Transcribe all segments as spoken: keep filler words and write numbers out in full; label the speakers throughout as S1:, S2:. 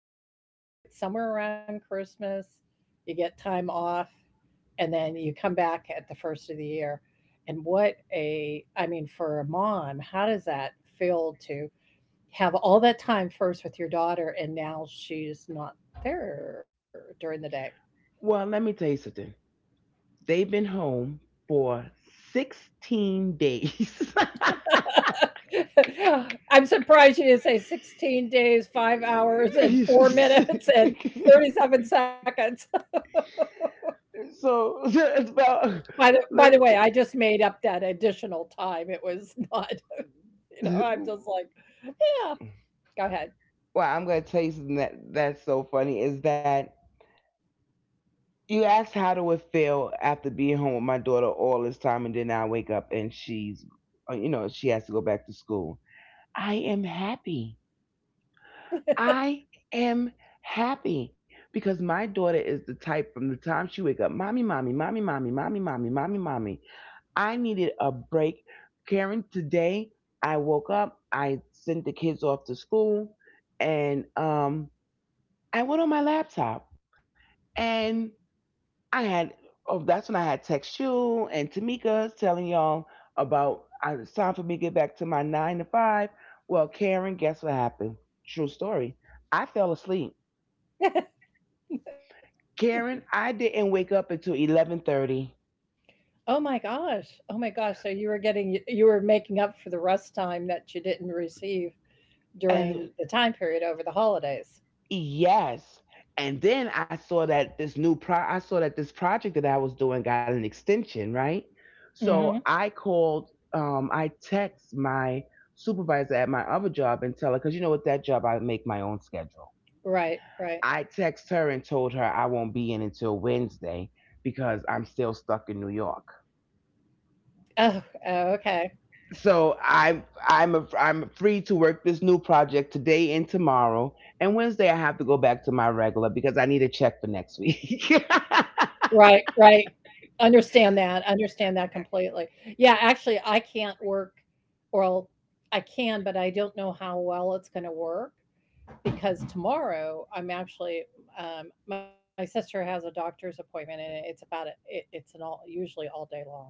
S1: that I know it's somewhere around Christmas, you get time off, and then you come back at the first of the year. And what a I mean for a mom, how does that feel to have all that time first with your daughter, and now she's not there during the day?
S2: Well, let me tell you something. They've been home for sixteen days. So
S1: I'm surprised you didn't say 16 days, five hours, and four minutes and thirty-seven seconds.
S2: it's about.
S1: By the by
S2: Let
S1: the
S2: me.
S1: way, I just made up that additional time. It was, not, you know,
S2: T-
S1: I'm just like, yeah, go ahead.
S2: well, I'm gonna tell you something that that's so funny is that you asked how do it feel after being home with my daughter all this time, and then I wake up and she's, uh, you know, she has to go back to school. I am happy. I am happy because my daughter is the type from the time she wake up, mommy, mommy, mommy, mommy, mommy, mommy, mommy, mommy. I needed a break. Karen, today I woke up, I sent the kids off to school, and um, I went on my laptop and I had oh, that's when I had text you and Tamika telling y'all about I, it's time for me to get back to my nine to five. Well, Karen, guess what happened? True story. I fell asleep. Karen, I didn't wake up until eleven thirty,
S1: Oh my gosh. Oh my gosh. So you were getting you were making up for the rest time that you didn't receive during
S2: and
S1: the time period over the holidays.
S2: yes, and then I saw that this new pro I saw that this project that I was doing got an extension, right?
S1: Hmm.
S2: So I called, um, I text my supervisor at my other job and tell her because you know with that job I make my own schedule.
S1: Right, right.
S2: I texted her and told her I won't be in until Wednesday because I'm still stuck in New York.
S1: Oh, oh, okay.
S2: So I'm I'm a, I'm free to work this new project today and tomorrow, and Wednesday I have to go back to my regular because I need a check for next week.
S1: Right, right. Understand that, understand that completely. Yeah, actually, I can't work, or I can, but I don't know how well it's gonna work because tomorrow I'm actually, um my sister has a doctor's appointment, and it's about a it it's an all usually all day long,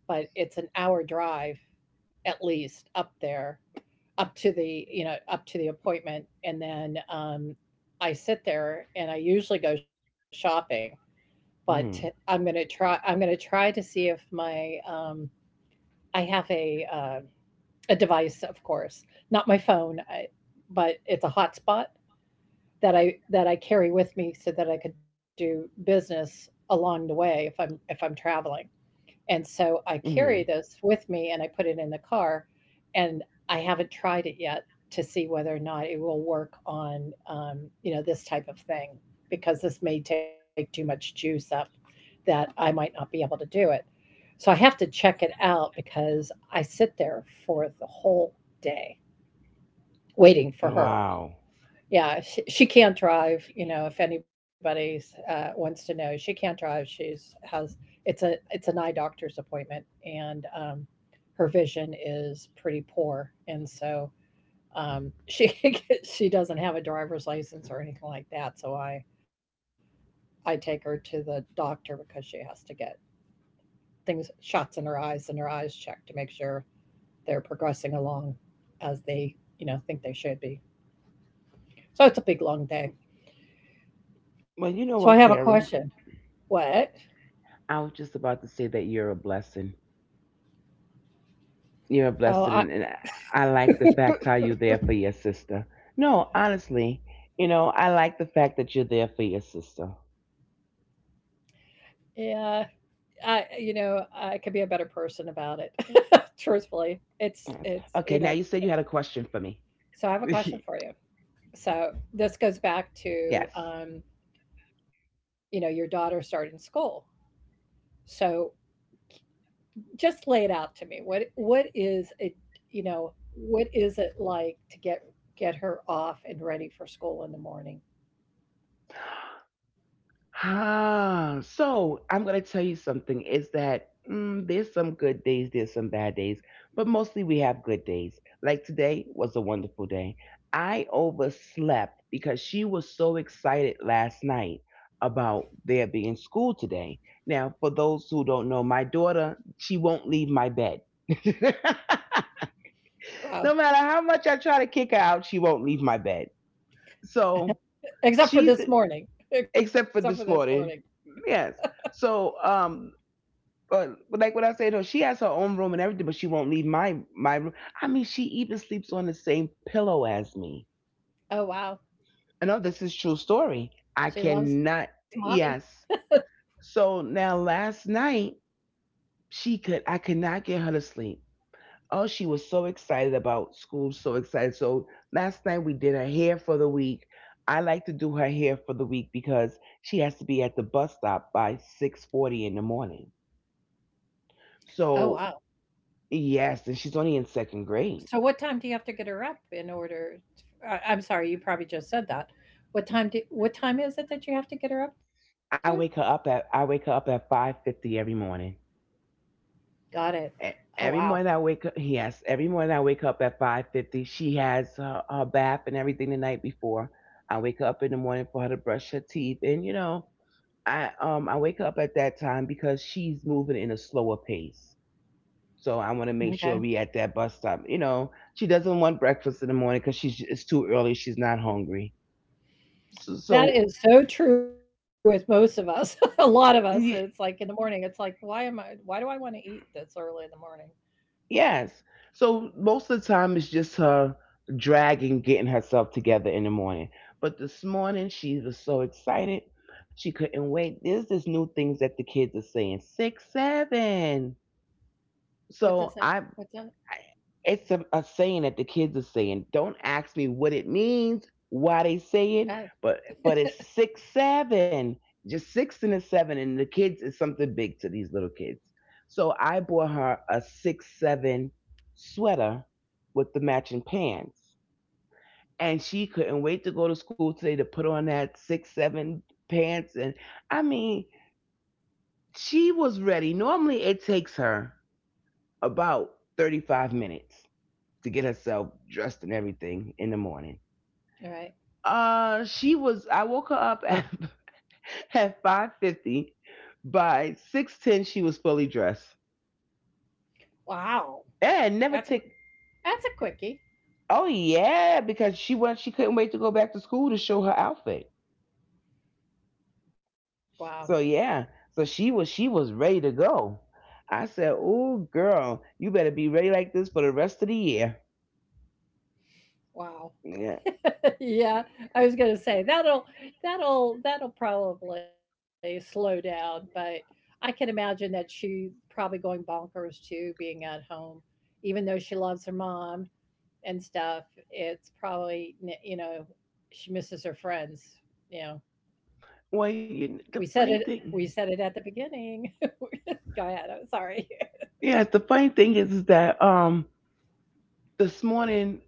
S1: but it's an hour drive at least up there, up to the you know, up to the appointment, and then, um, I sit there, and I usually go shopping. But I'm gonna
S2: Mm.
S1: try. I'm gonna try to see if my um, I have a uh, a device, of course, not my phone, I, but it's a hotspot that I that I carry with me so that I could do business along the way if I'm if I'm traveling. And so I carry
S2: Mm.
S1: this with me and I put it in the car, and I haven't tried it yet to see whether or not it will work on, um, you know, this type of thing because this may take too much juice up that I might not be able to do it. So I have to check it out because I sit there for the whole day waiting for her.
S2: Wow.
S1: Yeah, she, she can't drive, you know, if anybody's uh, wants to know, she can't drive. She's has it's a it's an eye doctor's appointment, and um, her vision is pretty poor, and so um, she she doesn't have a driver's license or anything like that. So I I take her to the doctor because she has to get things shots in her eyes and her eyes checked to make sure they're progressing along as they you know think they should be. So it's a big long day. So
S2: Well,
S1: I
S2: you
S1: have a
S2: know what,
S1: question.
S2: Karen?
S1: What?
S2: I was just about to say that you're a blessing. You're a
S1: Oh, I
S2: blessing, and, and I like the fact how you're there for your sister. No, honestly, you know, I like the fact that you're there for your sister.
S1: yeah, I you know, I could be a better
S2: Yes.
S1: person
S2: Okay,
S1: about
S2: now
S1: it.
S2: you said you had a question for
S1: Truthfully,
S2: me.
S1: it's it's you know. So I have a question for you. So
S2: Yes.
S1: this goes back to um, you know, your daughter starting school. So just lay it out to me. What what is it, you know, what is it like to get get her off and ready for school in the morning?
S2: Ah, so I'm going to tell you something is that mm, there's some good days, there's some bad days, but mostly we have good days. Like today was a wonderful day. I overslept because she was so excited last night about there being school today. Now, for those who don't know, my daughter, she won't leave my bed.
S1: Wow.
S2: No matter how much I try to kick her out, she won't leave my bed. So
S1: Except for
S2: She's
S1: this morning. Except for
S2: except
S1: this
S2: for this
S1: morning.
S2: morning. Yes. So um but like what I said, though, she has her own room and everything, but she won't leave my my room. I mean, she even sleeps on the same pillow as me.
S1: Oh wow.
S2: I know this is true story. I
S1: She loves
S2: cannot.
S1: mommy.
S2: Yes. So now last night she could I could not get her to sleep. Oh, she was so excited about school, so excited. So last night we did her hair for the week. I like to do her hair for the week because she has to be at the bus stop by six forty in the morning.
S1: Oh
S2: So
S1: wow.
S2: yes, and she's only in second grade.
S1: So what time do you have to get her up in order. i I, I'm sorry, you probably just said that. What time do what time is it that you have to get her up to?
S2: I wake her up at I wake her up at five fifty every morning.
S1: Got it. Oh
S2: E-
S1: wow.
S2: Every morning I wake up, yes, every morning I wake up at five fifty. She has her, her bath and everything the night before. I wake up in the morning for her to brush her teeth. And, you know, I, um, I wake up at that time because she's moving in a slower pace. So I want to make
S1: Okay.
S2: sure we at that bus stop. You know, she doesn't want breakfast in the morning because she's it's too early. She's not hungry. So,
S1: That
S2: so
S1: is so true with most of us. A lot of us. It's like in the morning, it's like, why am I why do I want to eat this early in the morning?
S2: Yes. So most of the time it's just her dragging, getting herself together in the morning. But this morning she was so excited. She couldn't wait. There's this new things that the kids are saying. Six, seven.
S1: What does
S2: So
S1: that
S2: I
S1: what's that?
S2: It's a, a saying that the kids are saying. Don't ask me what it means, why they say it,
S1: Oh,
S2: but but it's six seven, just six and a seven, and the kids is something big to these little kids. So I bought her a six seven sweater with the matching pants, and she couldn't wait to go to school today to put on that six seven pants. And I mean, she was ready. Normally, it takes her about thirty five minutes to get herself dressed and everything in the morning.
S1: all right.
S2: Uh, she was. I woke her up at at five fifty. By six ten, she was fully dressed
S1: Wow. That's a
S2: and never take.
S1: that's a quickie.
S2: Oh yeah, because she went. She couldn't wait to go back to school to show her outfit.
S1: Wow.
S2: So yeah, so she was. She was ready to go. I said, "Oh girl, you better be ready like this for the rest of the year."
S1: Wow.
S2: Yeah.
S1: Yeah, I was gonna say that'll that'll that'll probably slow down, but I can imagine that she's probably going bonkers too, being at home, even though she loves her mom and stuff. It's probably n- you know she misses her friends. You know,
S2: Well, you, the
S1: we said
S2: funny
S1: it we
S2: thing,
S1: said it at the beginning. Go ahead. I'm sorry.
S2: yeah, the funny thing is, is that um, this morning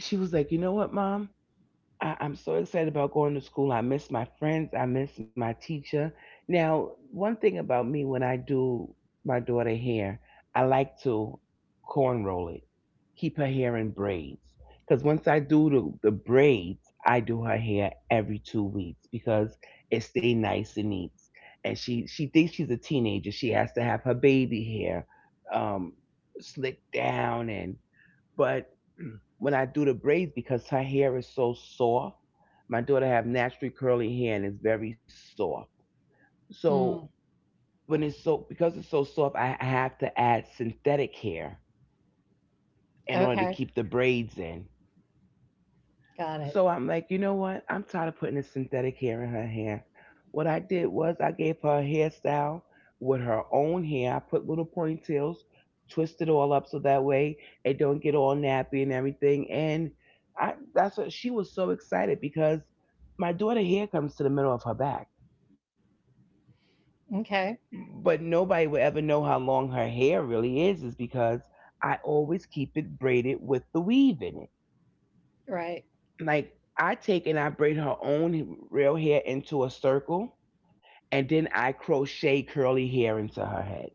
S2: she was like, you know what, mom? I- I'm so excited about going to school. I miss my friends. I miss my teacher. Now, one thing about me when I do my daughter hair, I like to corn roll it, keep her hair in braids. Because once I do the, the braids, I do her hair every two weeks because it stay nice and neat. And she she thinks she's a teenager. She has to have her baby hair um, slicked down and but when I do the braids, because her hair is so soft, my daughter have naturally curly hair and it's very soft. So
S1: Mm,
S2: when it's so because it's so soft, I I have to add synthetic hair in order to keep the
S1: okay,
S2: braids in. So
S1: got
S2: I'm
S1: it.
S2: like, you know what? I'm tired of putting this synthetic hair in her hair. What I did was I gave her a hairstyle with her own hair. I put little ponytails, twist it all up so that way it don't get all nappy and everything. And I that's what she was so excited because my daughter hair comes to the middle of her back.
S1: Okay,
S2: But nobody will ever know how long her hair really is, is because I always keep it braided with the weave in it.
S1: right.
S2: Like I take and I braid her own real hair into a circle and then I crochet curly hair into her head.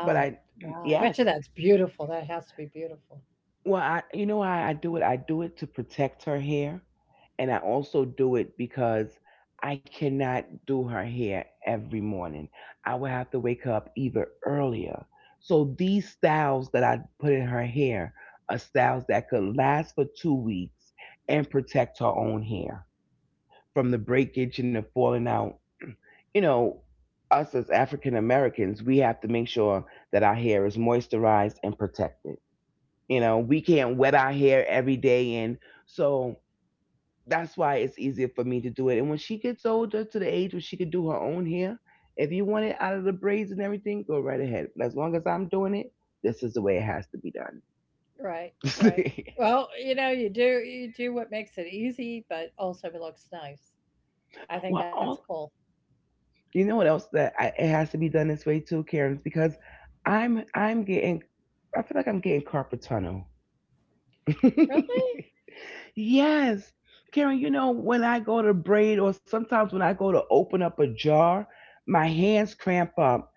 S2: But I.
S1: wow. I bet
S2: Yes.
S1: you that's beautiful. That has to be beautiful.
S2: Well, I you know why I do it? I do it to protect her hair and I also do it because I cannot do her hair every morning. I would have to wake her up even earlier. So these styles that I put in her hair are styles that could last for two weeks and protect her own hair from the breakage and the falling out. You know, us as African Americans, we have to make sure that our hair is moisturized and protected. You know, we can't wet our hair every day. And so that's why it's easier for me to do it. And when she gets older to the age where she could do her own hair, if you want it out of the braids and everything, go right ahead. But as long as I'm doing it, this is the way it has to be
S1: Right, right.
S2: done.
S1: Well, you know, you do you do what makes it easy, but also it looks nice. I think
S2: Well,
S1: that's
S2: all.
S1: cool.
S2: You know what else that I, it has to be done this way too, Karen's because I'm I'm getting I feel like I'm getting carpet tunnel.
S1: Really?
S2: Yes, Karen. You know when I go to braid or sometimes when I go to open up a jar, my hands cramp up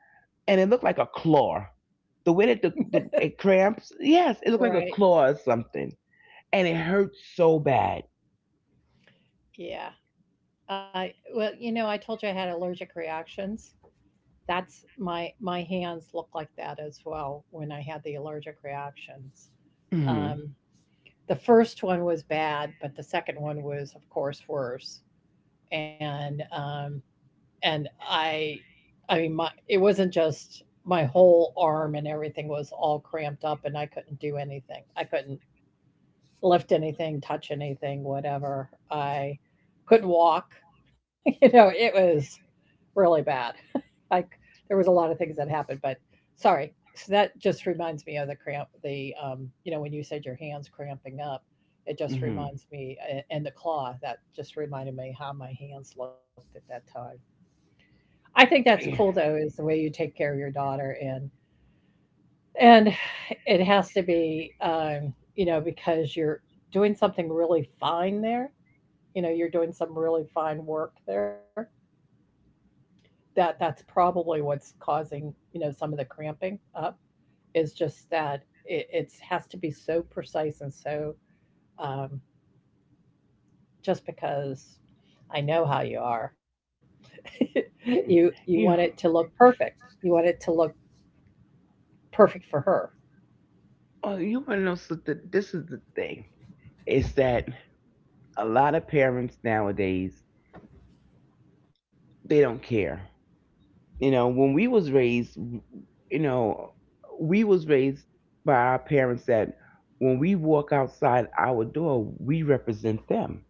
S2: and it looked like a claw. The way that the, the it cramps, yes, it looked like a
S1: Right.
S2: claw or something, and it hurts so bad.
S1: Yeah. I Well, you know, I told you I had allergic reactions. That's my my hands look like that as well when I had the allergic reactions.
S2: Mm-hmm.
S1: Um, the first one was bad, but the second one was, of course, worse. And um, and I, I mean, my it wasn't just my whole arm and everything was all cramped up, and I couldn't do anything. I couldn't lift anything, touch anything, whatever. I couldn't walk. You know, it was really bad. Like there was a lot of things that happened, but sorry. So that just reminds me of the cramp. The um, you know, when you said your hands cramping up, it just
S2: Mm-hmm.
S1: reminds me, a- and the claw that just reminded me how my hands looked at that time. I think that's cool
S2: Yeah.
S1: though, is the way you take care of your daughter and and it has to be, um, you know, because you're doing something really fine there. You know, you're doing some really fine work there. That that's probably what's causing, you know, some of the cramping up is just that it it's has to be so precise and so um, just because I know how you are. you you want it
S2: You,
S1: to look perfect. You want it to look perfect for her.
S2: oh, you want to know something? This is the thing, is that a lot of parents nowadays, they don't care. You know, when we was raised, you know, we was raised by our parents that when we walk outside our door, we represent them.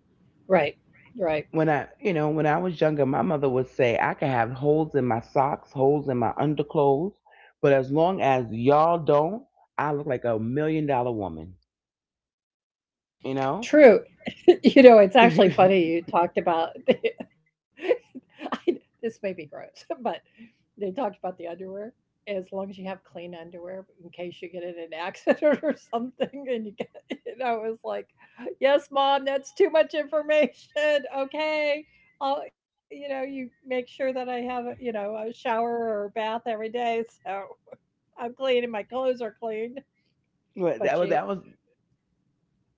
S1: Right, right.
S2: When I, you know, when I was younger, my mother would say, I can have holes in my socks, holes in my underclothes, but as long as y'all don't, I look like a million dollar woman, you know.
S1: True. You know, it's actually funny you talked about the. I This may be gross, but they talked about the underwear. As long as you have clean underwear in case you get in an accident or something and you get and I was like, "Yes, mom, that's too much information. Okay. I'll you know, you make sure that I have a you know, a shower or bath every day, so I'm clean and my clothes are clean."
S2: But
S1: But
S2: that was
S1: she
S2: that was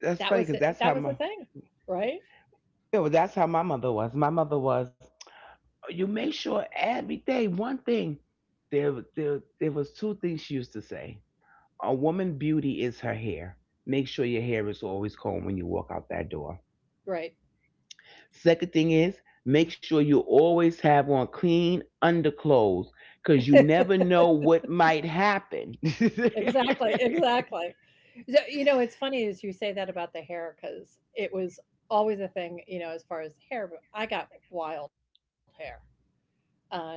S2: that's funny
S1: that
S2: because
S1: was
S2: that's how my
S1: that was the thing, right,
S2: yeah, well, that's how my mother was. My mother was. You make sure every day one thing. There there there was two things she used to say. A woman beauty is her hair. Make sure your hair is always combed when you walk out that door.
S1: right.
S2: Second thing is make sure you always have on clean underclothes because you never know what might happen.
S1: Exactly, exactly. So, you know it's funny as you say that about the hair because it was always a thing you know as far as hair. But I got wild hair. um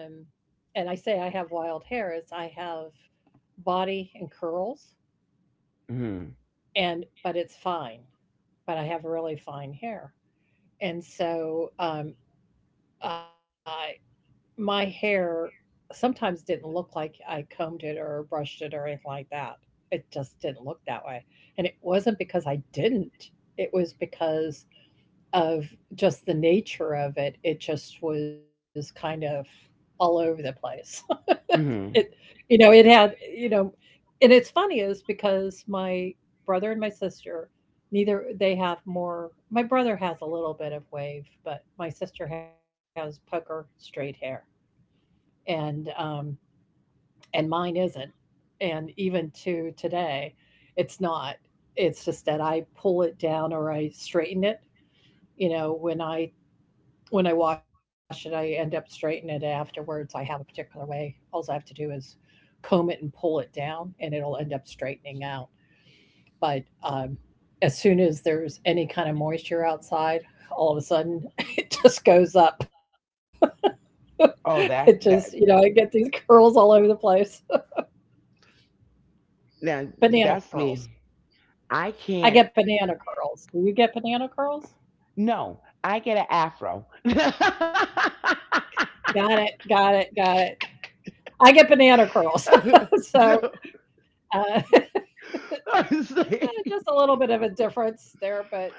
S1: and I say I have wild hair is I have body and curls.
S2: Hmm.
S1: And But it's fine, but I have really fine hair. And so um uh, my hair sometimes didn't look like I combed it or brushed it or anything like that. It just didn't look that way, and it wasn't because I didn't, it was because of just the nature of it, it just was kind of all over the place. It
S2: Hmm.
S1: you know, it had. You know and it's funny is because my brother and my sister, neither they have more. My brother has a little bit of wave, but my sister has poker straight hair. And um, and mine isn't, and even to today it's not. It's just that I pull it down or I straighten it. You know when i when i wash it, I end up straightening it afterwards. I have a particular way. All I have to do is comb it and pull it down, and it'll end up straightening out. But um, as soon as there's any kind of moisture outside, all of a sudden it just goes up. it
S2: Oh,
S1: just
S2: that
S1: you know I
S2: that
S1: get these curls all over the place.
S2: now,
S1: Banana
S2: that's
S1: curls.
S2: me. I
S1: I get
S2: can't.
S1: banana curls. Do you get banana curls?
S2: No, I get an afro.
S1: Got it. Got it. Got it. I get banana curls.
S2: Uh,
S1: So
S2: no,
S1: uh,
S2: I'm saying,
S1: just a little bit of a difference there, but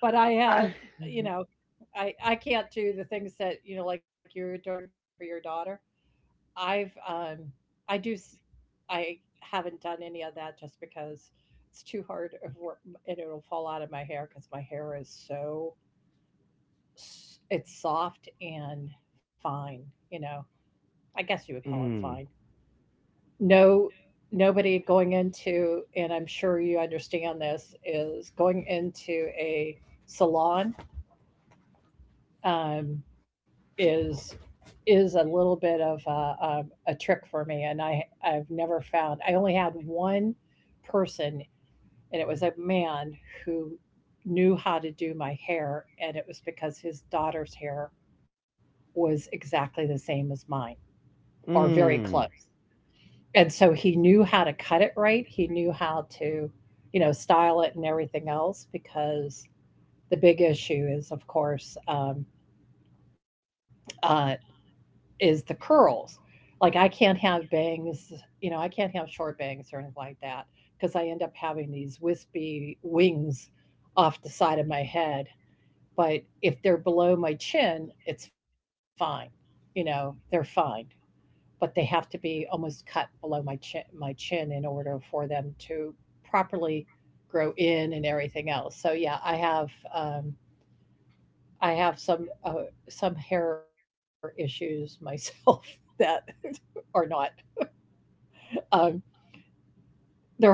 S1: but I have
S2: I,
S1: you know I I can't do the things that you know like you were doing for your daughter. I've um I do s- I haven't done any of that just because it's too hard of work and it'll fall out of my hair because my hair is so s- it's soft and fine, you know. I guess you would call it fine.
S2: Mm.
S1: No, nobody going into — and I'm sure you understand — this is going into a salon, um is is a little bit of a, um a trick for me, and I I've never found. I only had one person, and it was a man who knew how to do my hair, and it was because his daughter's hair was exactly the same as mine, or very
S2: Mm.
S1: close. And so he knew how to cut it right. He knew how to, you know, style it and everything else, because the big issue is, of course, um, uh, is the curls. Like I can't have bangs, you know, I can't have short bangs or anything like that, because I end up having these wispy wings off the side of my head. But if they're below my chin, it's fine. You know, they're fine. But they have to be almost cut below my chin, my chin in order for them to properly grow in and everything else. So yeah, I have um, I have some uh, some hair issues myself that are not, um,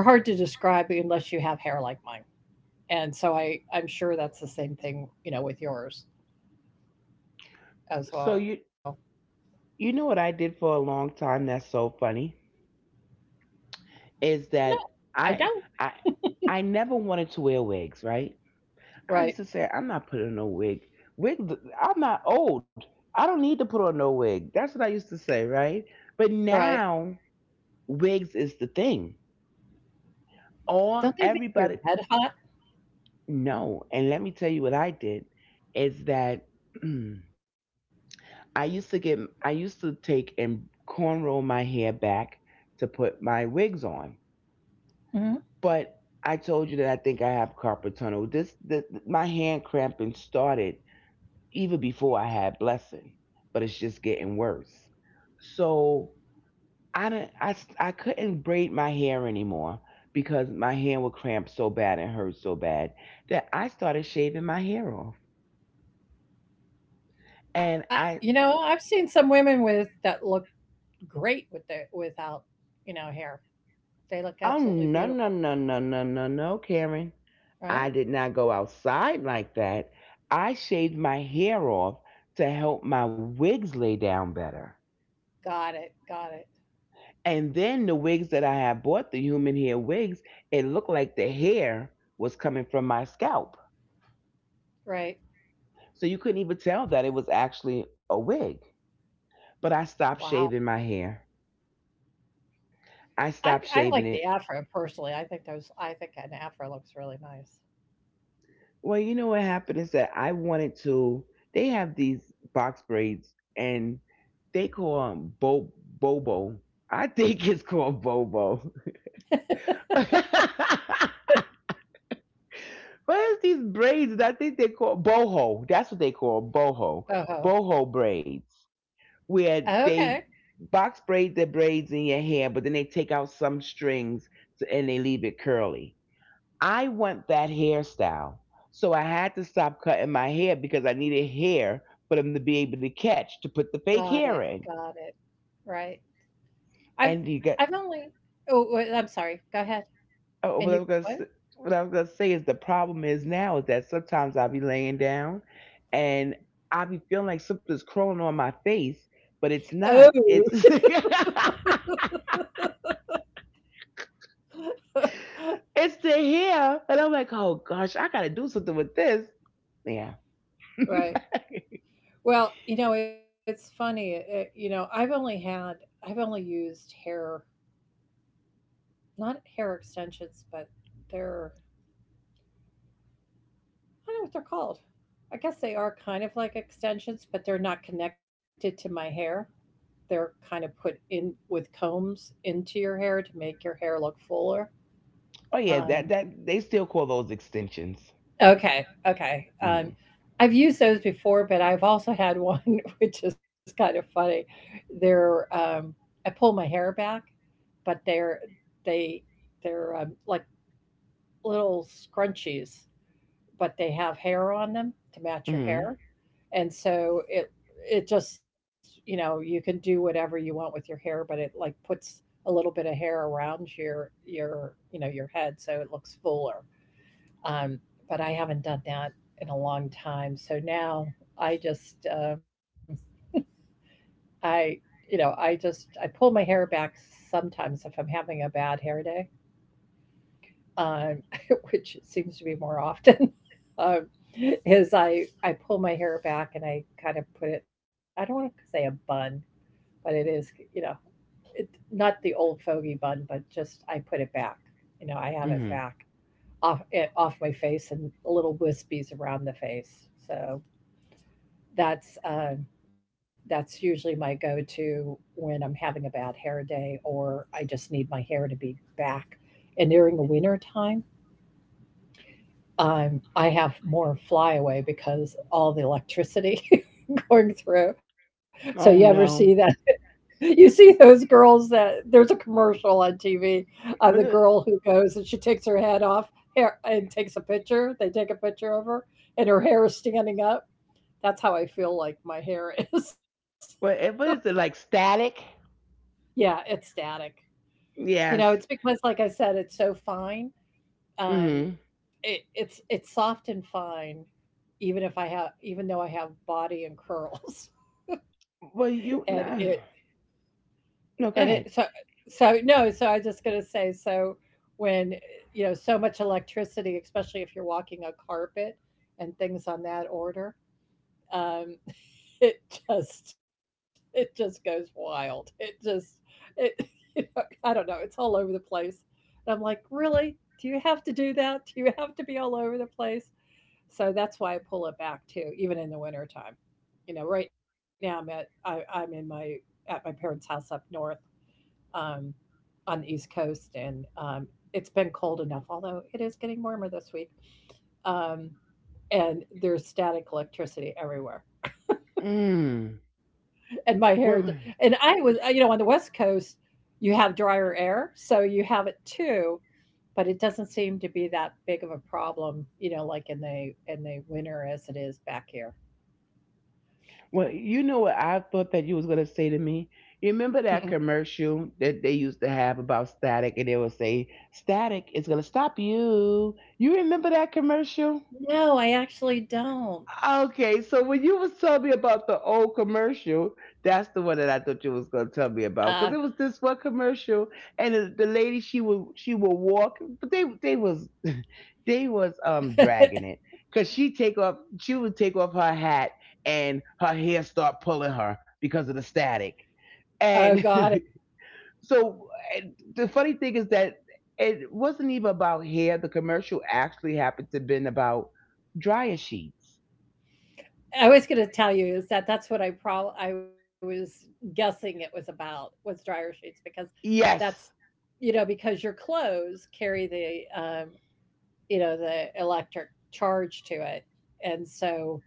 S1: they're hard to describe unless you have hair like mine. And so I I'm sure that's the same thing, you know with yours
S2: so
S1: as
S2: you
S1: well.
S2: you know what I did for a long time, that's so funny, is that
S1: No, I
S2: I
S1: don't.
S2: I I never wanted to wear wigs, right? I used to
S1: Right,
S2: say I'm not putting on no wig. Wig I'm not old. I don't need to put on no wig. That's what I used to say, right? But
S1: right.
S2: now wigs is the thing. All
S1: Don't they
S2: everybody
S1: make your head hot?
S2: No, and let me tell you what I did is that I used to get I used to take and cornrow my hair back to put my wigs on.
S1: Mhm.
S2: But I told you that I think I have carpal tunnel. This, this my hand cramping started even before I had blessing, but it's just getting worse. So I don't I I, I I couldn't braid my hair anymore because my hand would cramp so bad and hurt so bad that I started shaving my hair off. And
S1: I,
S2: I.
S1: you know, I've seen some women with that look great with the without, you know, hair.
S2: Oh,
S1: They look
S2: no, no,
S1: absolutely
S2: no,
S1: beautiful,
S2: no, no, no, no, Karen. I did not
S1: right?
S2: go outside like that. I shaved my hair off to help my wigs lay down better.
S1: Got it, got it.
S2: And then the wigs that I had bought, the human hair wigs, it looked like the hair was coming from my scalp.
S1: Right.
S2: So you couldn't even tell that it was actually a wig. But I stopped
S1: Wow.
S2: shaving my hair. I
S1: I
S2: stopped
S1: I
S2: shaving
S1: like
S2: it.
S1: the afro personally. I think those I think an afro looks really nice.
S2: Well, you know what happened is that I wanted to. They have these box braids, and they call them bo- bobo. I think it's called bobo. But it's these braids that I think they call boho. That's what they call boho. Boho
S1: Boho.
S2: braids, where
S1: Okay.
S2: they box braid the braids in your hair, but then they take out some strings to, and they leave it curly. I want that hairstyle. So I had to stop cutting my hair because I needed hair for them to be able to catch to put the fake
S1: Got
S2: hair
S1: it,
S2: in.
S1: got it. Right. I've
S2: And you got.
S1: I've only Oh, wait, I'm sorry. Go ahead.
S2: Oh, what I was gonna
S1: And you
S2: say,
S1: what?
S2: what I was gonna say is the problem is now is that sometimes I'll be laying down and I'll be feeling like something's crawling on my face, but it's not.
S1: Oh.
S2: It's it's the hair, and I'm like, oh gosh, I gotta do something with this. Yeah.
S1: Right. Well, you know, it's funny. It, you know, I've only had, I've only used hair, not hair extensions, but they're, I don't know what they're called. I guess they are kind of like extensions, but they're not connected to my hair. They're kind of put in with combs into your hair to make your hair look fuller.
S2: Oh yeah, that
S1: Um,
S2: that they still call those extensions.
S1: okay, okay. Um,
S2: Mm-hmm.
S1: I've used those before, but I've also had one which is kind of funny. They're, um, I pull my hair back, but they're they they're um, like little scrunchies, but they have hair on them to match your
S2: Mm-hmm.
S1: hair, and so it it just, you know, you can do whatever you want with your hair, but it like puts a little bit of hair around your your you know your head so it looks fuller. Um, but I haven't done that in a long time, so now I just, um, I you know, I just I pull my hair back sometimes if I'm having a bad hair day, um, which seems to be more often, um, is I I pull my hair back and I kind of put it. I don't want to say a bun, but it is, you know, it, not the old fogey bun, but just I put it back. You know, I have it
S2: Mm-hmm.
S1: back off it, off my face, and little wispies around the face. So that's, um, that's usually my go-to when I'm having a bad hair day or I just need my hair to be back. And during the winter time, I'm I have more flyaway because all the electricity going through. So you ever
S2: Oh
S1: see that?
S2: no.
S1: You see those girls, that there's a commercial on T V of the
S2: Was
S1: girl
S2: it
S1: who goes and she takes her head off hair and takes a picture. They take a picture of her and her hair is standing up. That's how I feel like my hair is.
S2: what it- What is it, like static?
S1: Yeah, it's static. You know, it's
S2: Yes.
S1: because like I said, it's so fine. Um,
S2: Mm.
S1: It, it's it's soft and fine, even if I have even though I have body and curls,
S2: Well
S1: and
S2: you
S1: it
S2: no,
S1: and
S2: no,
S1: it
S2: go
S1: so
S2: ahead.
S1: so no. So I was just gonna say, so when, you know, so much electricity, especially if you're walking on carpet and things on that order, um, it just it just goes wild. It just it you know, I don't know. It's all over the place, and I'm like, really? Do you have to do that? Do you have to be all over the place? So that's why I pull it back too, even in the wintertime. You know, right now I'm at I, I'm in my, at my parents' house up north, um, on the East Coast, and, um, it's been cold enough. Although it is getting warmer this week, um, and there's static electricity everywhere,
S2: Mm.
S1: and my hair. d- And
S2: Well,
S1: I was, uh, you know, on the West Coast, you have drier air, so you have it too. But it doesn't seem to be that big of a problem, you know, like in the in the winter as it is back here.
S2: well you know what I thought that you was gonna say to me? You
S1: Mm-mm.
S2: remember that commercial that they used to have about static and they would say, Static is gonna stop you. You remember that commercial?
S1: No, I actually don't.
S2: Okay, so when you was telling me about the old commercial, that's the one that I thought you was gonna tell me
S1: Uh,
S2: about because it was this one commercial, and the the lady she would she would walk, but they they was they was um dragging it because she take off she would take off her hat and her hair start pulling her because of the static,
S1: oh god,
S2: and so and the funny thing is that it wasn't even about hair. The commercial actually happened to been about dryer sheets.
S1: I was gonna tell you is that that's what I prob I was guessing it was about, was dryer sheets, because that's,
S2: Yes.
S1: you know, because your clothes carry the, um, you know, the electric charge to it, and so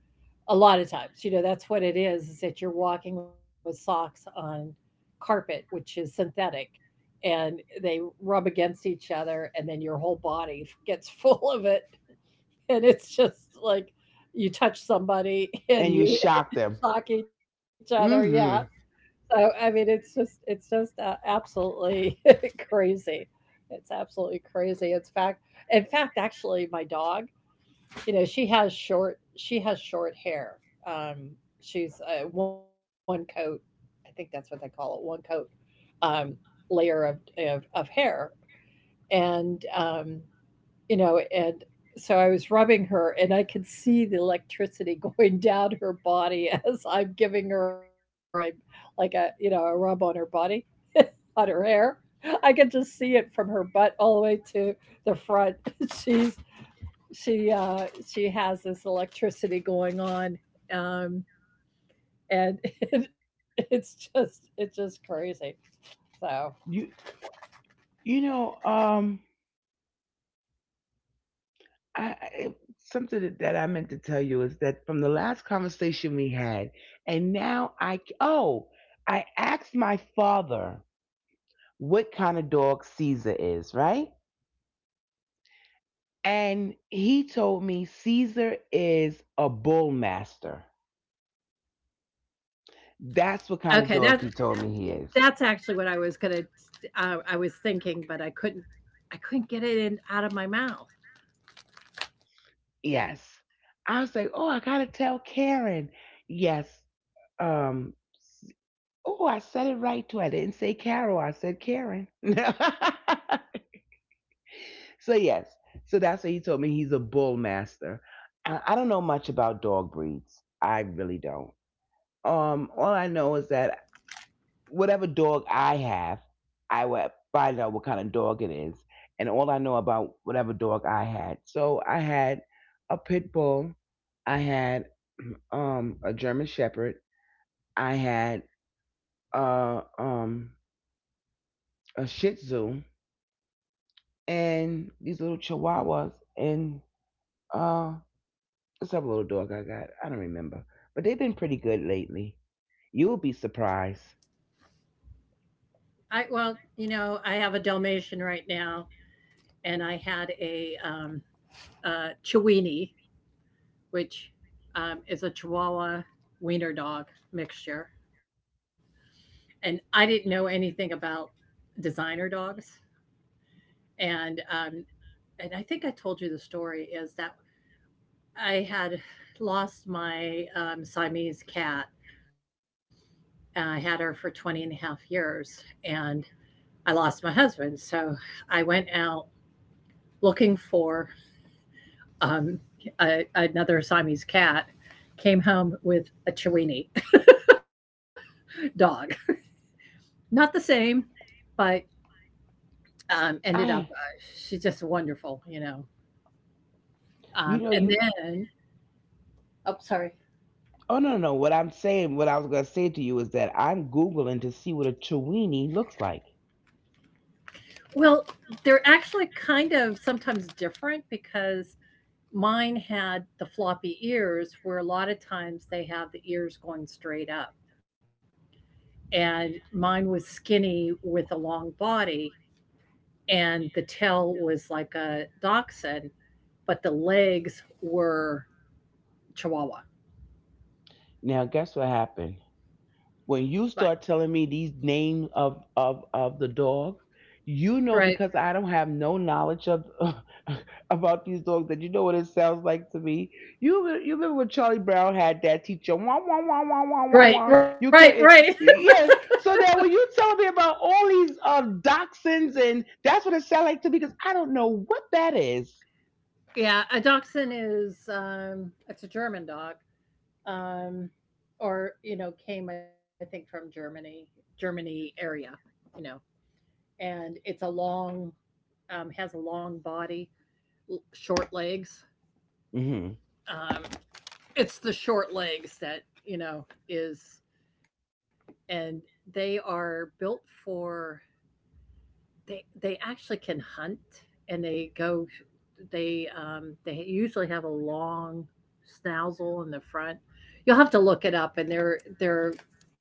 S1: a lot of times, you know, that's what it is, is that you're walking with socks on carpet, which is synthetic, and they rub against each other, and then your whole body gets full of it. And it's just like you touch somebody and
S2: And you
S1: you
S2: shock them.
S1: shock each other. Yeah.
S2: Mm-hmm.
S1: So I mean, it's just it's just, uh, absolutely crazy. It's absolutely crazy. It's fact. In fact, actually, my dog, you know, she has short she has short hair. Um, she's, uh, one coat. I think that's what they call it. One coat, um, layer of, of of hair, and, um, you know, and so I was rubbing her, and I could see the electricity going down her body as I'm giving her a like a, you know, a rub on her body, on her hair. I could just see it from her butt all the way to the front. She's she uh she has this electricity going on. Um and it, it's just it's just crazy. So
S2: You you know, um I, I something that, that I meant to tell you is that from the last conversation we had, and now I oh I asked my father what kind of dog Caesar is, right? And he told me Caesar is a bullmaster. That's what kind of
S1: okay, that,
S2: dog he told me he is.
S1: that's actually what I was gonna. Uh, I was thinking, but I couldn't. I couldn't get it in out of my mouth.
S2: Yes. I was like, oh, I gotta tell Karen. Yes. Um, Oh, I said it right too. I didn't say Carol. I said Karen. So yes. So that's what he told me. He's a bull master. I, I don't know much about dog breeds. I really don't. Um, all I know is that whatever dog I have, I will find out what kind of dog it is, and all I know about whatever dog I had. So I had a pit bull. I had um a German Shepherd. I had uh um a Shih Tzu, and these little chihuahuas and uh what's that little dog I got? I don't remember. But they've been pretty good lately. You'll be surprised.
S1: I well, you know, I have a Dalmatian right now, and I had a, um, uh, Chiweenie, which, um, is a Chihuahua wiener dog mixture, and I didn't know anything about designer dogs, and, um, and I think I told you the story is that I had lost my, um, Siamese cat, and I had her for twenty and a half years, and I lost my husband. So I went out looking for, um, a, another Siamese cat, came home with a Chiweenie dog. Not the same, but, um, ended up,
S2: I
S1: uh, she's just wonderful, you know.
S2: you
S1: Um,
S2: know
S1: and
S2: you
S1: then, oh, sorry.
S2: Oh no, no, no. What I'm saying what I was gonna say to you is that I'm googling to see what a chiweenie looks like.
S1: Well, they're actually kind of sometimes different because mine had the floppy ears where a lot of times they have the ears going straight up, and mine was skinny with a long body, and the tail was like a dachshund, but the legs were chihuahua.
S2: Now guess what happened? When you
S1: Right.
S2: start telling me these names of of of the dogs, you know,
S1: Right.
S2: because I don't have no knowledge of about these dogs, that, you know what it sounds like to me, you re- you remember when Charlie Brown had that teacher, wah wah wah wah wah wah wah,
S1: Right,
S2: you
S1: right,
S2: could.
S1: right.
S2: Yes. So that when you tell me about all these uh dachshunds, and that's what it sounds like to me because I don't know what that is.
S1: Yeah, a dachshund is, um it's a German dog. Um or, you know, came I think from Germany, Germany area, you know. And it's a long, um, has a long body, short legs.
S2: Mm-hmm.
S1: Um, it's the short legs that, you know, is, and they are built for. They they actually can hunt, and they go. They, um, they usually have a long snazzle in the front. You'll have to look it up, and their their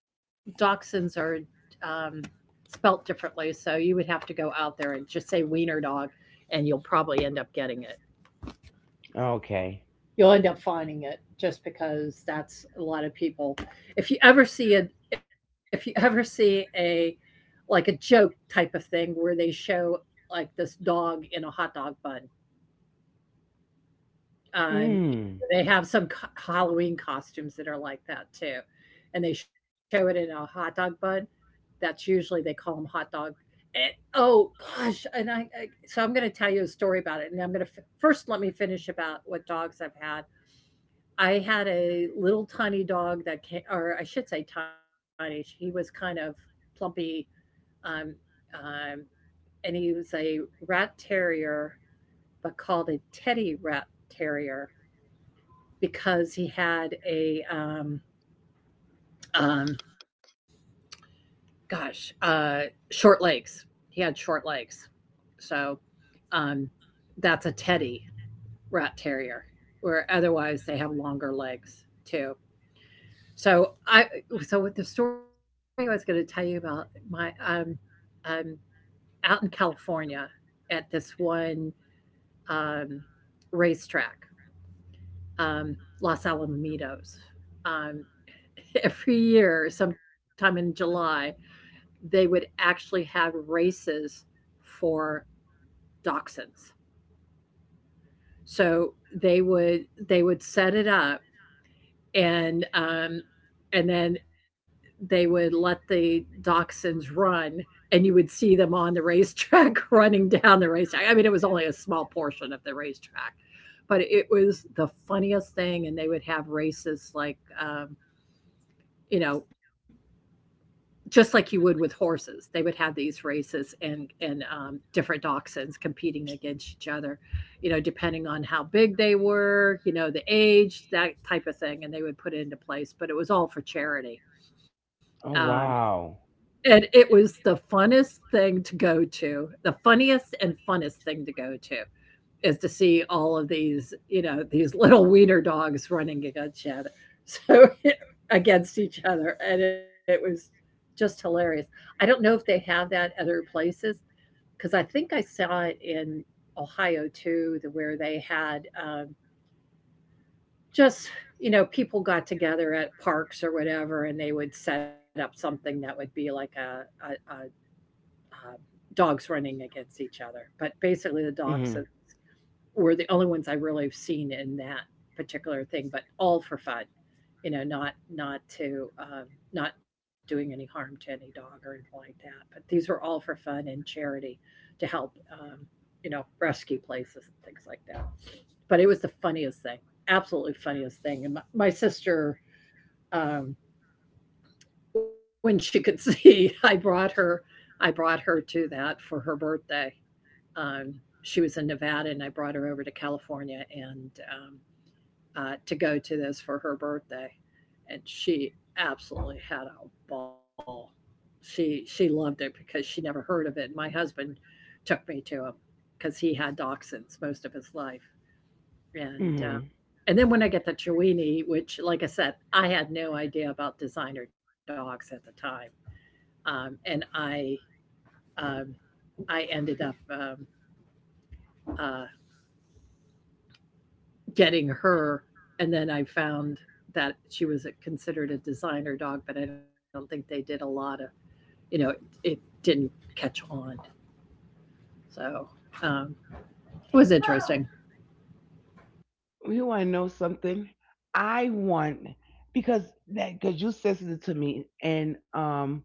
S1: dachshunds are, um, spelt differently, so you would have to go out there and just say wiener dog, and you'll probably end up getting it.
S2: Okay.
S1: You'll end up finding it just because that's a lot of people. If you ever see a if you ever see a like a joke type of thing where they show like this dog in a hot dog bun, um,
S2: Mm.
S1: they have some co- Halloween costumes that are like that too, and they show it in a hot dog bun. That's usually they call them hot dog. And, oh gosh, and I, I, so I'm going to tell you a story about it, and I'm going to f- first let me finish about what dogs I've had. I had a little tiny dog that ca or I should say tiny, he was kind of plumpy, um, um, and he was a rat terrier, but called a teddy rat terrier because he had a, um, um, gosh, uh, short legs. He had short legs. So, um, that's a teddy rat terrier, where otherwise they have longer legs too. So I so with the story I was gonna tell you about my, um um out in California at this one, um racetrack, um Los Alamitos. Um every year, sometime in July, they would actually have races for dachshunds. So they would they would set it up and um, and then they would let the dachshunds run, and you would see them on the racetrack running down the racetrack. I mean, it was only a small portion of the racetrack, but it was the funniest thing. And they would have races, like um, you know just like you would with horses. They would have these races and and um, different dachshunds competing against each other, you know, depending on how big they were, you know, the age, that type of thing, and they would put it into place. But it was all for charity.
S2: Oh
S1: Um,
S2: wow.
S1: and it was the funnest thing to go to, the funniest and funnest thing to go to is to see all of these, you know, these little wiener dogs running against each other. So against each other, and it was just hilarious. I don't know if they have that other places because I think I saw it in Ohio too, the, where they had, um, just, you know people got together at parks or whatever, and they would set up something that would be like a, a, a, a dogs running against each other. But basically, the
S2: Mm-hmm.
S1: dogs, uh, were the only ones I really have seen in that particular thing, but all for fun, you know, not not to, um, not doing any harm to any dog or anything like that. But these were all for fun and charity to help, um, you know, rescue places and things like that. But it was the funniest thing, absolutely funniest thing. And my, my sister, um, when she could see, I brought her, I brought her to that for her birthday. Um, she was in Nevada, and I brought her over to California, and, um, uh, to go to this for her birthday, and she absolutely had a ball. She she loved it because she never heard of it. My husband took me to him because he had dachshunds most of his life, and uh,
S2: Mm-hmm.
S1: and then when I get the Chiweenie, which, like I said, I had no idea about designer dogs at the time, um, and I um, I ended up, um, uh, getting her, and then I found that she was a, considered a designer dog, but I don't think they did a lot of, you know, it, it didn't catch on. So, um, it was interesting.
S2: You want to know something? I want because that because you sensitive to me, and um,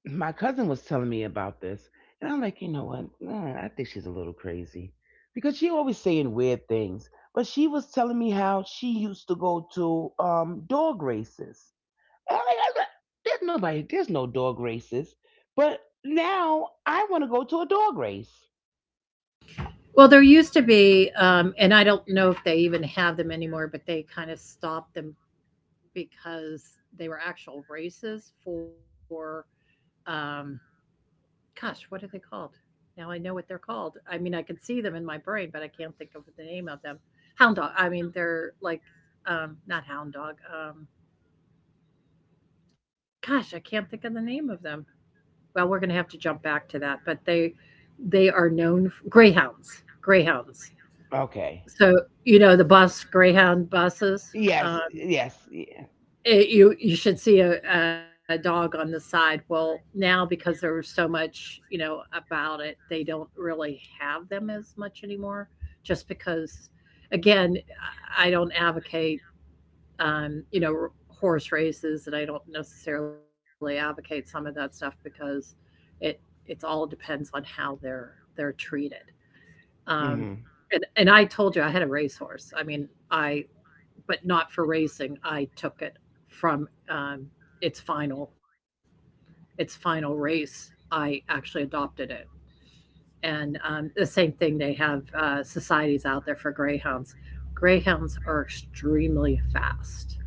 S2: my cousin was telling me about this, and I'm like, you know what? Nah, I think she's a little crazy because she always saying weird things. But she was telling me how she used to go to um dog races. And I'm like, I'm not- there's nobody, there's no dog races. But now I want to go to a dog race.
S1: Well, there used to be, um, and I don't know if they even have them anymore, but they kind of stopped them because they were actual races for, um, gosh, what are they called? Now I know what they're called. I mean, I can see them in my brain, but I can't think of the name of them. Hound dog. I mean, they're like, um, not hound dog. Um, gosh, I can't think of the name of them. Well, we're going to have to jump back to that, but they they are known, f greyhounds. Greyhounds.
S2: Okay.
S1: So, you know, the bus, greyhound buses. um,
S2: Yes. Yes. Yeah.
S1: It you you should see a a dog on the side. Well, now because there was so much, you know, about it, they don't really have them as much anymore, just because, again, I I don't advocate, um, you know, horse races, and I don't necessarily advocate some of that stuff because it it's all depends on how they're they're treated. Um,
S2: Mm-hmm.
S1: and and I told you I had a racehorse. I mean, I but not for racing. I took it from, um, its final its final race. I actually adopted it, and, um, the same thing. They have, uh, societies out there for greyhounds. Greyhounds are extremely fast,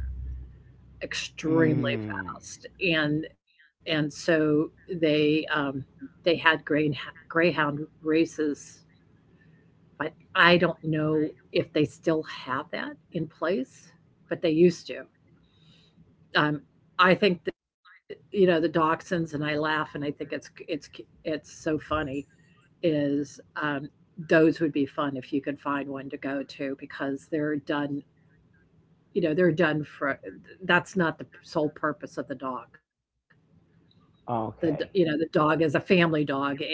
S1: extremely
S2: Mm.
S1: fast, and and so they, um, they had, grey, greyhound races. But I don't know if they still have that in place, but they used to. Um, I think that, you know, the dachshunds, and I laugh and I think it's it's it's so funny is, um, those would be fun if you could find one to go to because they're done, you know, they're done for, that's not the sole purpose of the dog. The d- you know, the
S2: Okay.
S1: dog is a family dog, and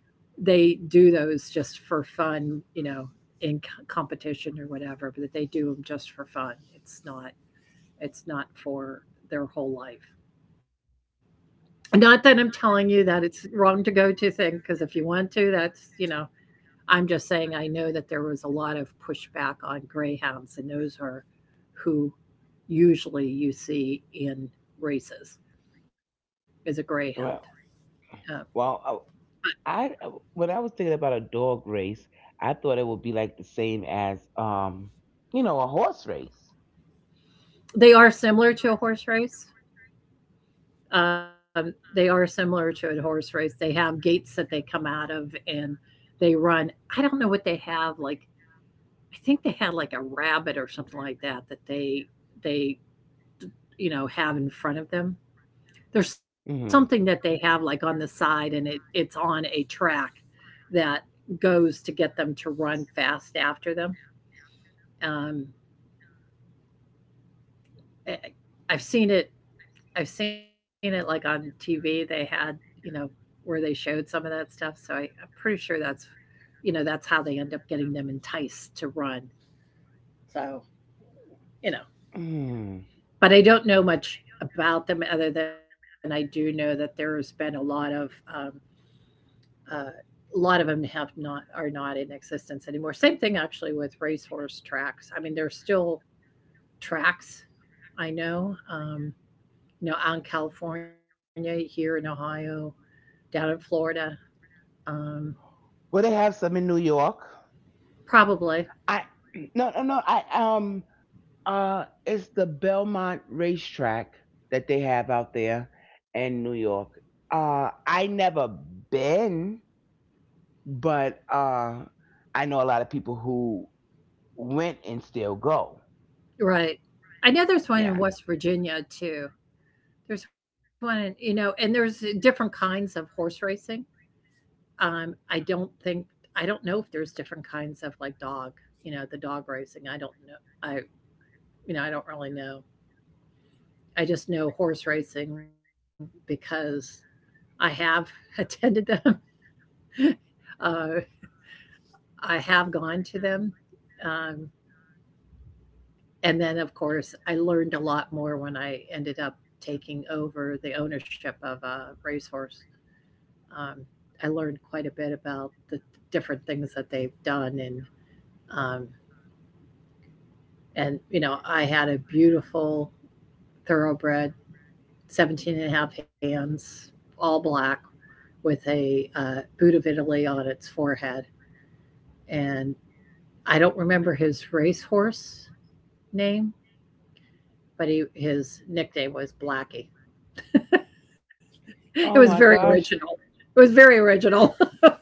S1: they do those just for fun, you know, in, c- competition or whatever, but they do them just for fun. It's not, it's not for their whole life. Not that I'm telling you that it's wrong to go to thing, because if you want to, that's, you know, I'm just saying I know that there was a lot of pushback on greyhounds, and those are who usually you see in races is a greyhound.
S2: Well,
S1: Uh,
S2: well, I I- when I was thinking about a dog race, I thought it would be like the same as, um, you know, a horse race.
S1: they are similar to a horse race. Um, they are similar to a horse race. They have gates that they come out of, and they run. I don't know what they have. Like, I think they had like a rabbit or something like that that they they, you know, have in front of them. There's something that
S2: Hmm.
S1: they have, like, on the side, and it it's on a track that goes to get them to run fast after them. Um, eh, I've seen it I've seen it, like, on T V. They had, you know, where they showed some of that stuff, so I I'm pretty sure that's, you know, that's how they end up getting them enticed to run. So, you know,
S2: Mm.
S1: but I don't know much about them other than I do know that there's been a lot of, um uh, a lot of them have not, are not in existence anymore. Same thing actually with racehorse tracks. I mean, there's still tracks. I know, um, you know, out in California, here in Ohio, down in Florida, um,
S2: Well, they have some in New York.
S1: probably.
S2: I No, no, no. I, um uh, it's the Belmont racetrack that they have out there in New York. Uh, I never been, but uh, I know a lot of people who went and still go.
S1: Right. I know there's one
S2: Yeah.
S1: in West Virginia too. There's one in, you know, and there's different kinds of horse racing. Um, I don't think, I don't know if there's different kinds of, like, dog, you know, the dog racing. I don't know. I you know, I don't really know. I just know horse racing because I have attended them. Uh, I have gone to them. Um, and then, of course, I learned a lot more when I ended up taking over the ownership of a racehorse. Um, I learned quite a bit about the different things that they've done. And, um, and, you know, I had a beautiful thoroughbred, seventeen and a half hands, all black, with a, uh, boot of Italy on its forehead. And I don't remember his racehorse name, but he his nickname was Blackie. It
S2: Oh
S1: was
S2: my
S1: very
S2: gosh.
S1: original. It was very original.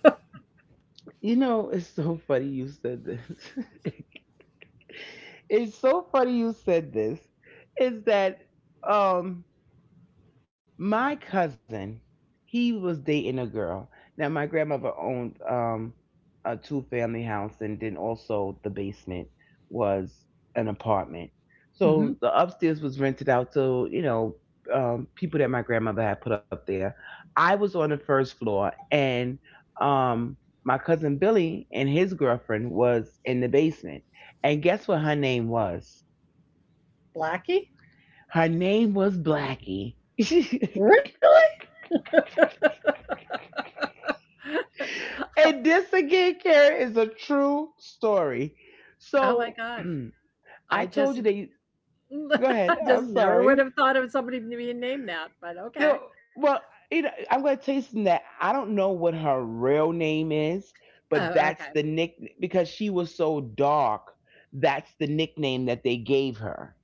S2: You know, it's so funny you said this. It's so funny you said this. Is that um my cousin, he was dating a girl. Now my grandmother owned um a two family house, and then also the basement was an apartment. So the
S1: Hmm.
S2: upstairs was rented out to, you know, um people that my grandmother had put up there. I was on the first floor, and um my cousin Billy and his girlfriend was in the basement. And guess what her name was?
S1: Blackie?
S2: Her name was Blackie.
S1: Really?
S2: And this again, Karen, is a true story.
S1: Oh my
S2: So
S1: gosh.
S2: I
S1: I
S2: told
S1: just
S2: you that you, go ahead.
S1: I just
S2: I'm
S1: never would
S2: sorry.
S1: have thought of somebody being named that, but okay.
S2: No, well, you know, I'm gonna tell you something that I don't know what her real name is, but
S1: Oh,
S2: that's
S1: okay.
S2: the nick because she was so dark. That's the nickname that they gave her.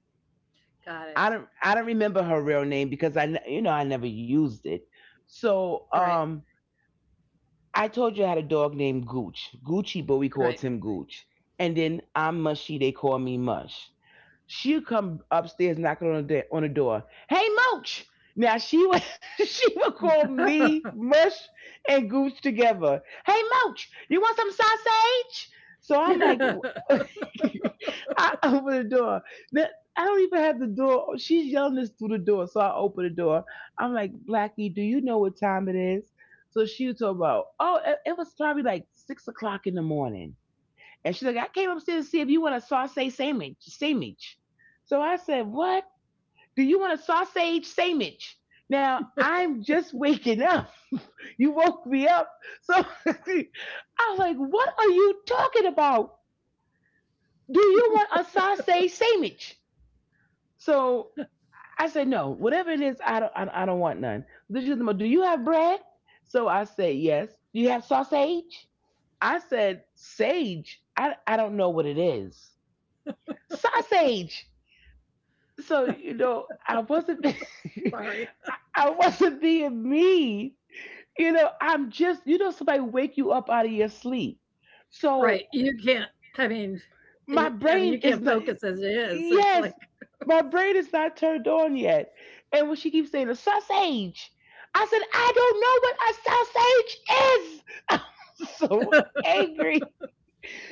S1: Got it.
S2: I don't I don't remember her real name because I n- you know I never used it. So
S1: Right.
S2: um I told you I had a dog named Gooch. Gucci, but we called
S1: Right.
S2: him Gooch. And then I'm Mushy, they call me Mush. She'll come upstairs knocking on the, on the door. Hey, Mooch! Now she would she would call me Mush and Gooch together. Hey, Mooch, you want some sausage? So I'm like, I open the door. Now, I don't even have the door. She's yelling this through the door, so I open the door. I'm like, Blackie, do you know what time it is? So she was talking about, oh, it, it was probably like six o'clock in the morning. And she's like, I came upstairs to see if you want a sausage sandwich. Sandwich. So I said, What? Do you want a sausage sandwich? Now I'm just waking up. You woke me up. So I was like, What are you talking about? Do you want a sausage sandwich? So I said, No, whatever it is, I don't, I don't, I don't want none. This is the Do you have bread? So I said, Yes. Do you have sausage? I said, Sage. I, I don't know what it is. Sausage. So, you know, I wasn't
S1: Sorry.
S2: I wasn't being mean. You know, I'm just, you know somebody wake you up out of your sleep.
S1: Right.
S2: So
S1: You can't. I mean,
S2: my
S1: you, I mean
S2: brain
S1: you
S2: is
S1: can't
S2: not
S1: focus as it is. It's
S2: yes,
S1: like
S2: my brain is not turned on yet. And when she keeps saying a sausage, I said, I don't know what a sausage is. I'm so angry.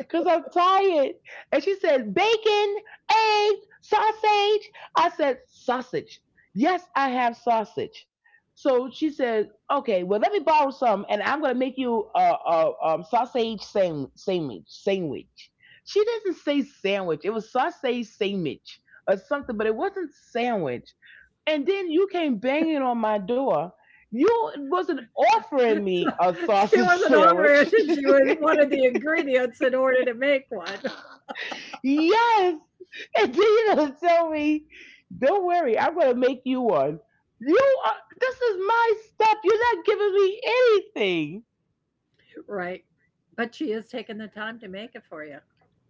S2: Cause I'm tired. And she said, bacon, eggs, sausage. I said, sausage. Yes, I have sausage. So she said, okay, well, let me borrow some and I'm going to make you a, a, um, sausage sam- sandwich, sandwich. She doesn't say sandwich. It was sausage sandwich or something, but it wasn't sandwich. And then you came banging on my door. You wasn't offering
S1: so
S2: me a
S1: she
S2: sausage
S1: wasn't on it.
S2: sandwich.
S1: She was wanted the ingredients in order to make one.
S2: Yes. And then you're gonna tell me, don't worry, I'm gonna make you one. You are, this is my stuff. You're not giving me anything.
S1: Right. But she has taken the time to make it for you.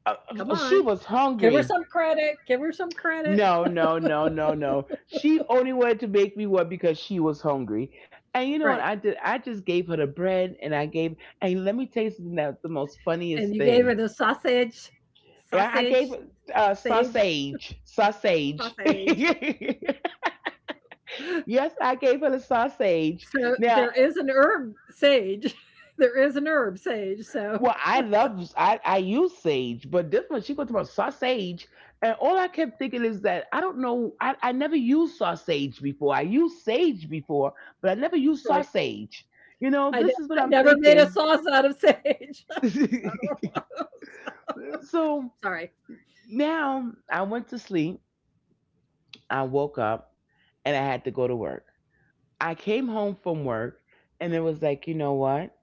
S2: Uh,
S1: Come
S2: uh,
S1: on.
S2: she was
S1: Give her some
S2: hungry.
S1: credit. Give her some credit.
S2: No, no, no, no, no. She only wanted to make me one because she was hungry. And you know what
S1: Right.
S2: I did? I just gave her the bread and I gave, and let me tell you something, that's the most
S1: And
S2: funniest
S1: you gave her
S2: thing.
S1: the sausage,
S2: Yeah, I gave
S1: sausage,
S2: her uh,
S1: sage,
S2: sausage. Sausage.
S1: sausage.
S2: Yes, I gave her the sausage.
S1: So there
S2: Now,
S1: is an herb sage. There is an herb sage. So,
S2: well, I love I, I use sage, but this one she goes about sausage, and all I kept thinking is that I don't know, I, I never used sausage before. I used sage before, but I never used
S1: right.
S2: sausage. You know,
S1: I, ne-
S2: this is what
S1: I
S2: I'm
S1: never made a
S2: thinking.
S1: sauce out of sage. So,
S2: So
S1: sorry.
S2: now I went to sleep. I woke up and I had to go to work. I came home from work and it was like, you know what?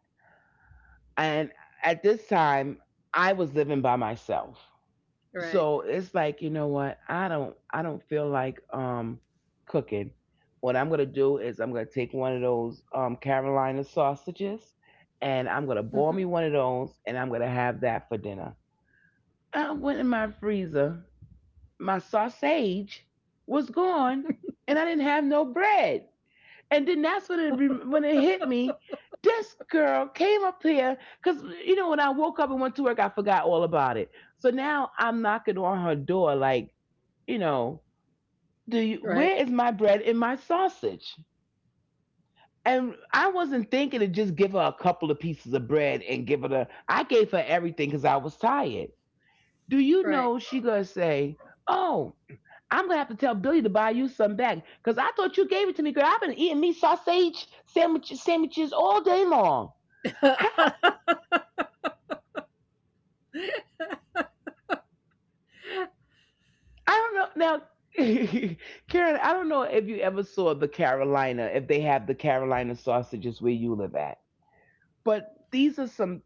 S2: And at this time, I was living by myself.
S1: Right.
S2: So it's like, you know what, i don't I don't feel like um cooking. What I'm gonna do is I'm gonna take one of those um Carolina sausages, and I'm gonna
S1: Hmm.
S2: boil me one of those, and I'm gonna have that for dinner. I went in my freezer. My sausage was gone, and I didn't have no bread. And then that's when it re- when it hit me, this girl came up here, because, you know, when I woke up and went to work, I forgot all about it. So now I'm knocking on her door like, you know, do you,
S1: Right.
S2: where is my bread and my sausage? And I wasn't thinking to just give her a couple of pieces of bread and give her the. I gave her everything because I was tired. Do you
S1: Right.
S2: know she gonna say, "Oh, I'm gonna have to tell Billy to buy you some back because I thought you gave it to me, girl. I've been eating meat sausage sandwiches, sandwiches all day long." I don't know now, Karen. I don't know if you ever saw the Carolina, if they have the Carolina sausages where you live at. But these are some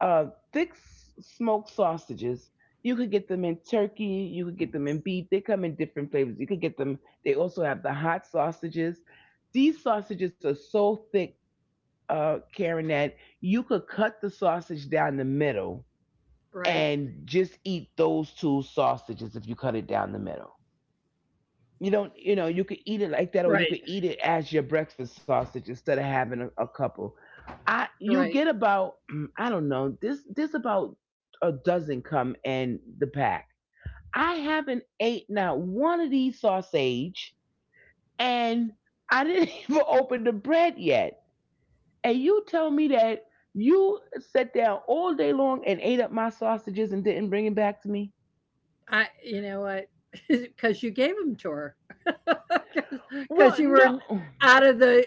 S2: uh, thick smoked sausages. You could get them in turkey. You could get them in beef. They come in different flavors. You could get them. They also have the hot sausages. These sausages are so thick, uh, Karen, that you could cut the sausage down the middle
S1: Right.
S2: and just eat those two sausages if you cut it down the middle. You don't, you know, you could eat it like that, or you
S1: Right.
S2: could eat it as your breakfast sausage instead of having a, a couple. I, you
S1: Right.
S2: get about, mm, I don't know, this, this about a dozen come in the pack. I haven't ate not one of these sausage, and I didn't even open the bread yet. And you tell me that you sat down all day long and ate up my sausages and didn't bring it back to me?
S1: I, you know what? Because you gave them to her. Because
S2: What?
S1: you were
S2: No.
S1: out of the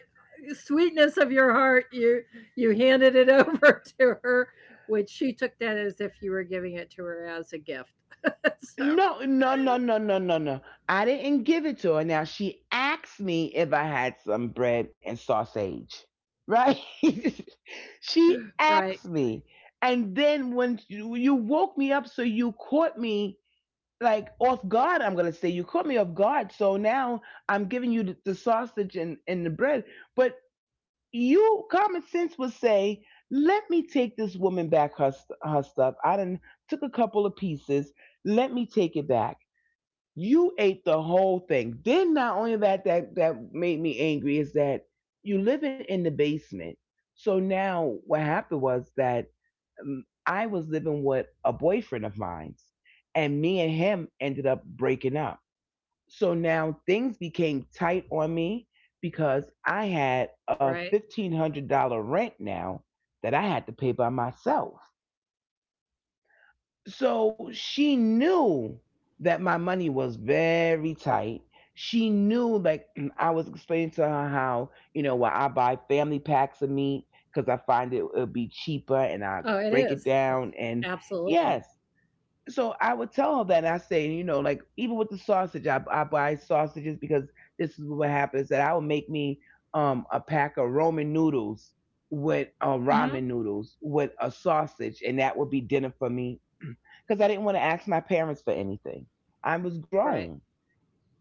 S1: sweetness of your heart, you you handed it over to her, which she took that as if you were giving it to her as a gift. So,
S2: No, no, no, no, no, no, no. I didn't give it to her. Now she asked me if I had some bread and sausage. Right? She asked
S1: right.
S2: me. And then when you, you woke me up, so you caught me like off guard, I'm going to say. You caught me off guard. So now I'm giving you the, the sausage and, and the bread. But you, common sense would say, let me take this woman back her, st- her stuff. I done took a couple of pieces. Let me take it back. You ate the whole thing. Then not only that, that that made me angry is that you living in the basement. So now what happened was that um, I was living with a boyfriend of mine, and me and him ended up breaking up. So now things became tight on me because I had
S1: Right.
S2: a fifteen hundred dollar rent now that I had to pay by myself. So she knew that my money was very tight. She knew, like, I was explaining to her how, you know, why I buy family packs of meat because I find it will be cheaper and I
S1: Oh, it
S2: break it
S1: is. It's-
S2: down. And
S1: absolutely.
S2: yes, so I would tell her that. I say, you know, like, even with the sausage, I, I buy sausages because this is what happens, that I would make me um, a pack of Roman noodles with uh,
S1: Mhm.
S2: ramen noodles with a sausage, and that would be dinner for me because I didn't want to ask my parents for anything. I was
S1: Right.
S2: grown,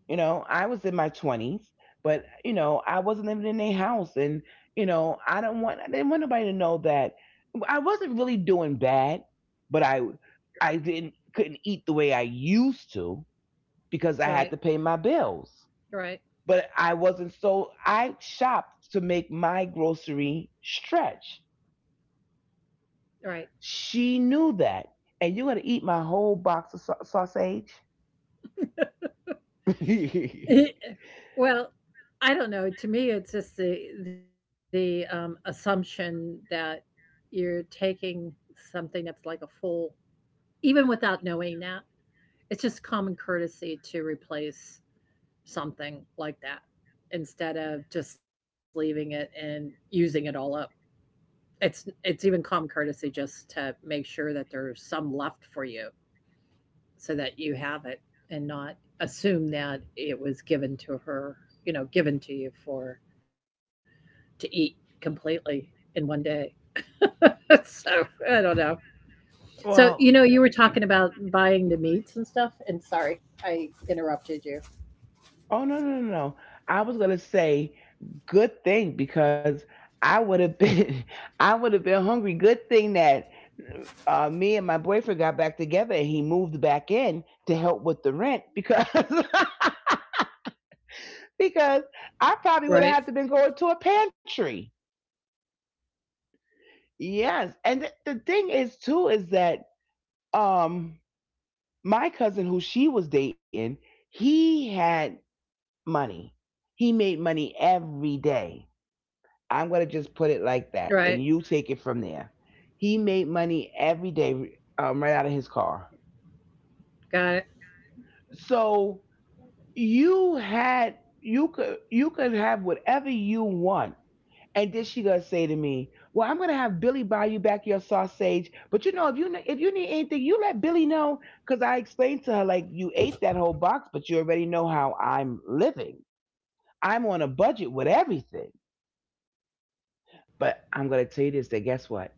S2: you know, I was in my twenties, but, you know, I wasn't living in their house. And, you know, I don't want, I didn't want nobody to know that I wasn't really doing bad, but I, I didn't, couldn't eat the way I used to because I had
S1: Right.
S2: to pay my bills.
S1: Right.
S2: But I wasn't so, I shopped to make my grocery stretch.
S1: Right.
S2: She knew that. And you're going to eat my whole box of sau- sausage?
S1: Well, I don't know. To me, it's just the the, um, assumption that you're taking something that's like a full, even without knowing that, it's just common courtesy to replace something like that instead of just leaving it and using it all up. It's it's even common courtesy just to make sure that there's some left for you so that you have it and not assume that it was given to her, you know, given to you for to eat completely in one day. So I don't know. So, you know,
S2: Well,
S1: you were talking about buying the meats and stuff, and sorry, I interrupted you.
S2: oh no, no, no, no. I was gonna say good thing because I would have been I would have been hungry. Good thing that uh, me and my boyfriend got back together and he moved back in to help with the rent, because because I probably would
S1: Right,
S2: have had to been going to a pantry. Yes, and th- the thing is too is that um my cousin who she was dating, he had money. He made money every day, I'm going to just put it
S1: right,
S2: like that, and you take it from there. He made money every day, um, right out of his car.
S1: got it.
S2: So you had, you could you could have whatever you want. And then she gonna say to me, "Well, I'm gonna have Billy buy you back your sausage, but you know, if you if you need anything, you let Billy know." Because I explained to her, like, you ate that whole box, but you already know how I'm living. I'm on a budget with everything. But I'm gonna tell you this: that guess what?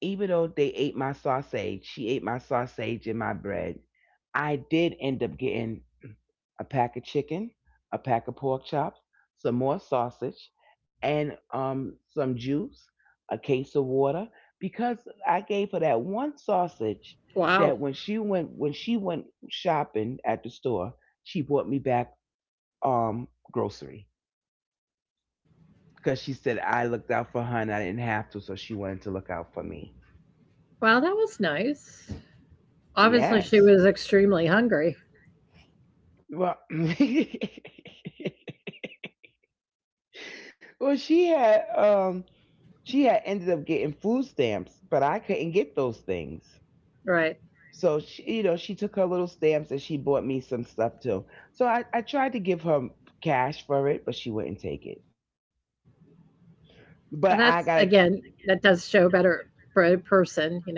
S2: Even though they ate my sausage, she ate my sausage and my bread. I did end up getting a pack of chicken, a pack of pork chops, some more sausage, and um, some juice, a case of water, because I gave her that one sausage, that
S1: Wow,
S2: when she went when she went shopping at the store, she brought me back um grocery, because she said I looked out for her and I didn't have to, so she wanted to look out for me.
S1: wow, that was nice. Obviously, she
S2: Yes.
S1: was extremely hungry.
S2: Well, well, she had um she had ended up getting food stamps, but I couldn't get those things.
S1: Right.
S2: So she, you know, she took her little stamps and she bought me some stuff too. So I, I tried to give her cash for it, but she wouldn't take it.
S1: Well, that's
S2: But
S1: again,
S2: I got
S1: that does show better for a person, you know.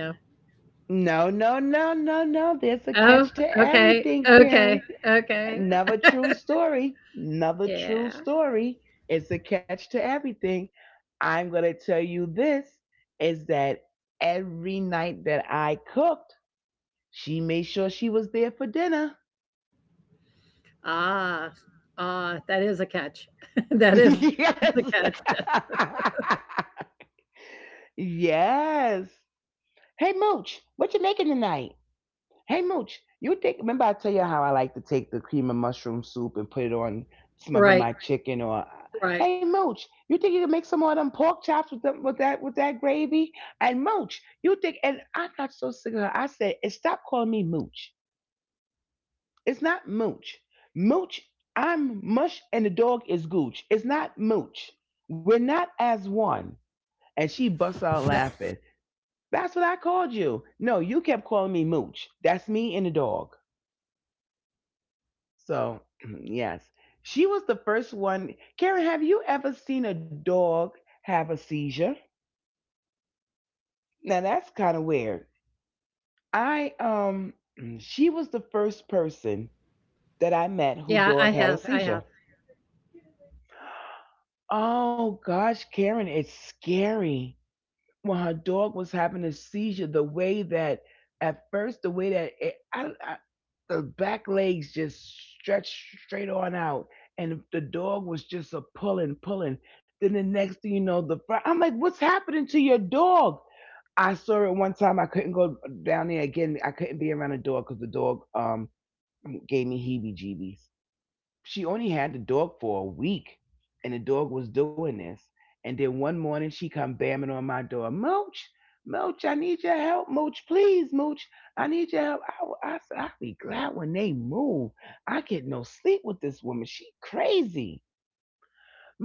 S2: no, no, no, no, no. There's a
S1: Oh,
S2: catch to
S1: okay,
S2: everything,
S1: okay,
S2: Karen.
S1: okay.
S2: Another true story. Another
S1: Yeah.
S2: true story. It's a catch to everything. I'm going to tell you this is that every night that I cooked, she made sure she was there for dinner.
S1: Ah, ah, that is a catch. That is a catch.
S2: Yes. Yes. Hey, Mooch, what you making tonight? Hey Mooch, you think? Remember, I tell you how I like to take the cream of mushroom soup and put it on some of
S1: Right,
S2: my chicken. Or
S1: right.
S2: hey Mooch, you think you can make some more of them pork chops with them with that with that gravy? And Mooch, you think? And I got so sick of her. I said, "Eh, stop calling me Mooch. It's not Mooch. Mooch, I'm Mush, and the dog is Gooch. It's not Mooch. We're not as one." And she busts
S1: That's
S2: out laughing. That's what I called you. No, you kept calling me Mooch. That's me and the dog. So, yes, she was the first one. Karen, have you ever seen a dog have a seizure? Now that's kind of weird. I um, she was the first person that I
S1: yeah,
S2: met
S1: I
S2: who
S1: have,
S2: dog
S1: I
S2: had a
S1: have.
S2: seizure. Oh gosh, Karen, it's scary. When her dog was having a seizure, the way that at first, the way that it, I, I, the back legs just stretched straight on out, and the dog was just a pulling, pulling. Then the next thing you know, the front, I'm like, what's happening to your dog? I saw it one time. I couldn't go down there again. I couldn't be around a dog because the dog um, gave me heebie-jeebies. She only had the dog for a week and the dog was doing this. And then one morning she come bamming on my door, Mooch, Mooch, I need your help, Mooch, please Mooch, I need your help. i, I said, I'll be glad when they move. I get no sleep with this woman, she crazy.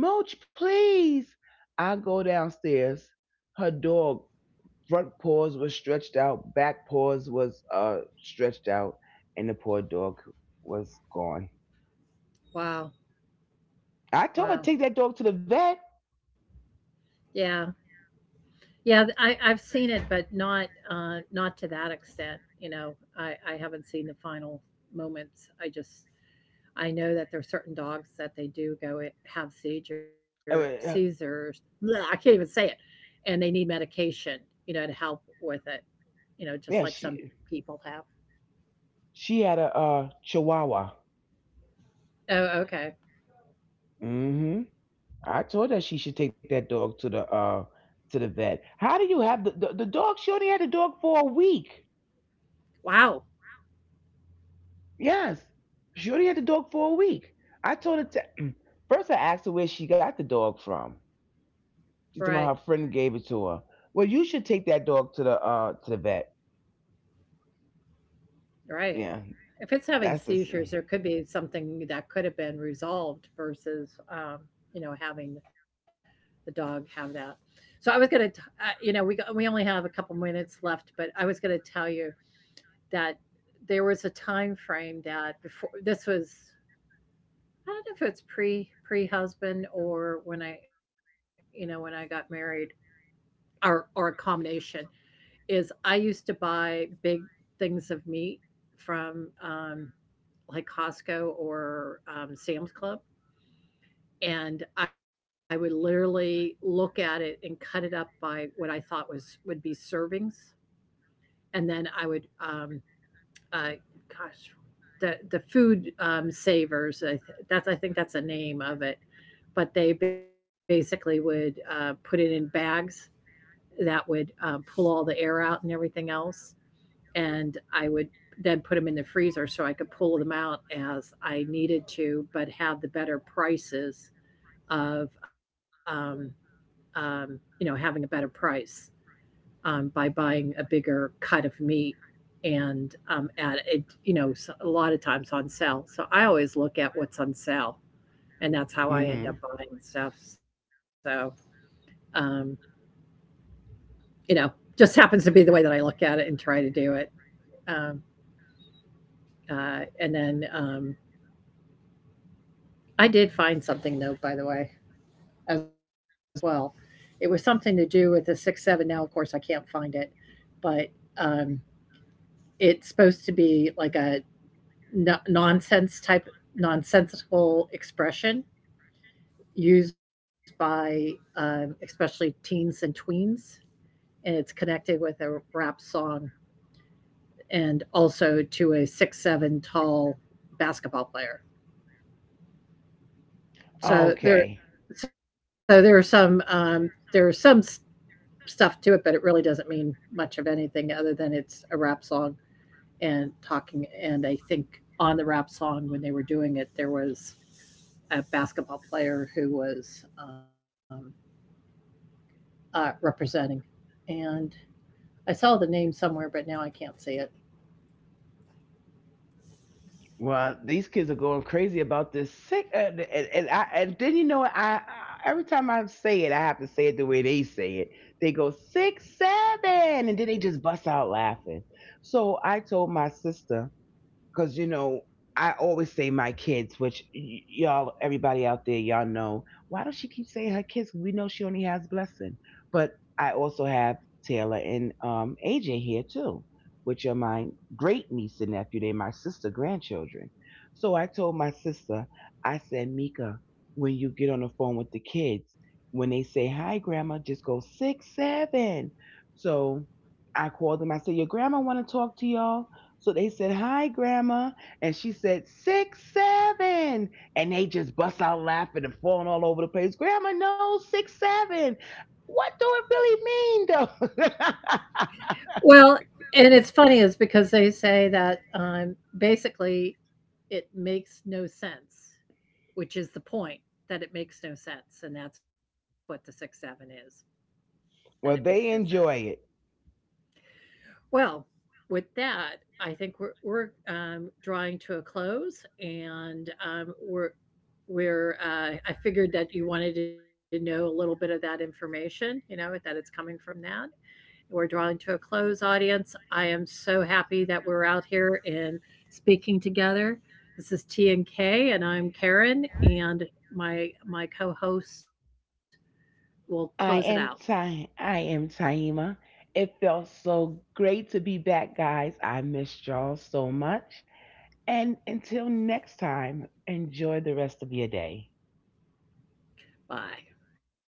S2: Mooch, please. I go downstairs, her dog, front paws was stretched out, back paws was uh stretched out, and the poor dog was gone.
S1: Wow,
S2: I told her,
S1: wow.
S2: take that dog to the vet.
S1: Yeah, yeah. th- I I've seen it, but not, uh, not to that extent. You know, I I haven't seen the final moments. I just I know that there are certain dogs that they do go i- have seizure
S2: uh, uh,
S1: seizures. Bleh, I can't even say it, and they need medication. You know, to help with it. You know, just like
S2: yeah,
S1: some
S2: she
S1: people have.
S2: she had a uh, Chihuahua.
S1: Oh, okay.
S2: Hmm. I told her she should take that dog to the uh to the vet. How do you have the the, the dog? She only had the dog for a week.
S1: Wow.
S2: Yes, she only had the dog for a week. I told her to. First, I asked her where she got the dog from.
S1: Right.
S2: She told me her friend gave it to her. Well, you should take that dog to the uh to the vet.
S1: Right.
S2: Yeah,
S1: If it's having
S2: that's the.
S1: seizures, there could be something that could have been resolved versus, um, you know, having the dog have that. So I was gonna, uh, you know, we got, we only have a couple minutes left, but I was gonna tell you that there was a time frame that before this was. I don't know if it's pre pre husband or when I, you know, when I got married or or a combination. Is I used to buy big things of meat from um, like Costco or um, Sam's Club. And I would literally look at it and cut it up by what I thought was would be servings, and then I would, um, uh, gosh, the the food um, savers. I th- that's, I think, that's a name of it, but they basically would uh, put it in bags that would um, pull all the air out and everything else, and I would then put them in the freezer so I could pull them out as I needed to, but have the better prices of, um, um, you know, having a better price um, by buying a bigger cut of meat and, um, at it, you know, s- a lot of times on sale. So I always look at what's on sale, and that's how I end up
S2: Mm-hmm.
S1: buying stuff. So, um, you know, just happens to be the way that I look at it and try to do it. Um, uh, and then, um, I did find something, though, by the way, as well. It was something to do with the six seven. Now, of course, I can't find it, but um, it's supposed to be like a n- nonsense type, nonsensical expression used by, um, especially teens and tweens, and it's connected with a rap song and also to a six seven tall basketball player.
S2: Okay.
S1: So there, so there are some, um, there are some stuff to it, but it really doesn't mean much of anything other than it's a rap song and talking. And I think on the rap song, when they were doing it, there was a basketball player who was um, uh, representing. And I saw the name somewhere, but now I can't see it.
S2: Well, these kids are going crazy about this sick, uh, and, and I and then you know what? I, I, every time I say it, I have to say it the way they say it. They go six seven, and then they just bust out laughing. So I told my sister, because, you know, I always say my kids, which, y- y'all, everybody out there, y'all know, why does she keep saying her kids, we know she only has Blessing, but I also have Taylor and um, AJ here too, which are my great niece and nephew, they're my sister grandchildren. So I told my sister, I said, Mika, when you get on the phone with the kids, when they say hi Grandma, just go six seven. So I called them, I said, your grandma want to talk to y'all. So they said, Hi, Grandma. And she said, Six, seven. And they just bust out laughing and falling all over the place. Grandma knows six, seven. What do it really mean, though?
S1: Well, and it's funny is because they say that, um, basically it makes no sense, which is the point that it makes no sense. And that's what the sixth seven is,
S2: Well,
S1: that it
S2: they
S1: makes no
S2: enjoy
S1: sense.
S2: it.
S1: Well, with that, I think we're we're, um, drawing to a close, and, um, we're we're, uh I figured that you wanted to know a little bit of that information, you know, that it's coming from that. We're drawing to a close, audience. I am so happy that we're out here and speaking together. This is T and K, and I'm Karen, and my my co-host will
S2: I
S1: close it
S2: am
S1: out.
S2: Ty. I am Taima. It felt so great to be back, guys. I missed y'all so much. And until next time, enjoy the rest of your day.
S1: Bye.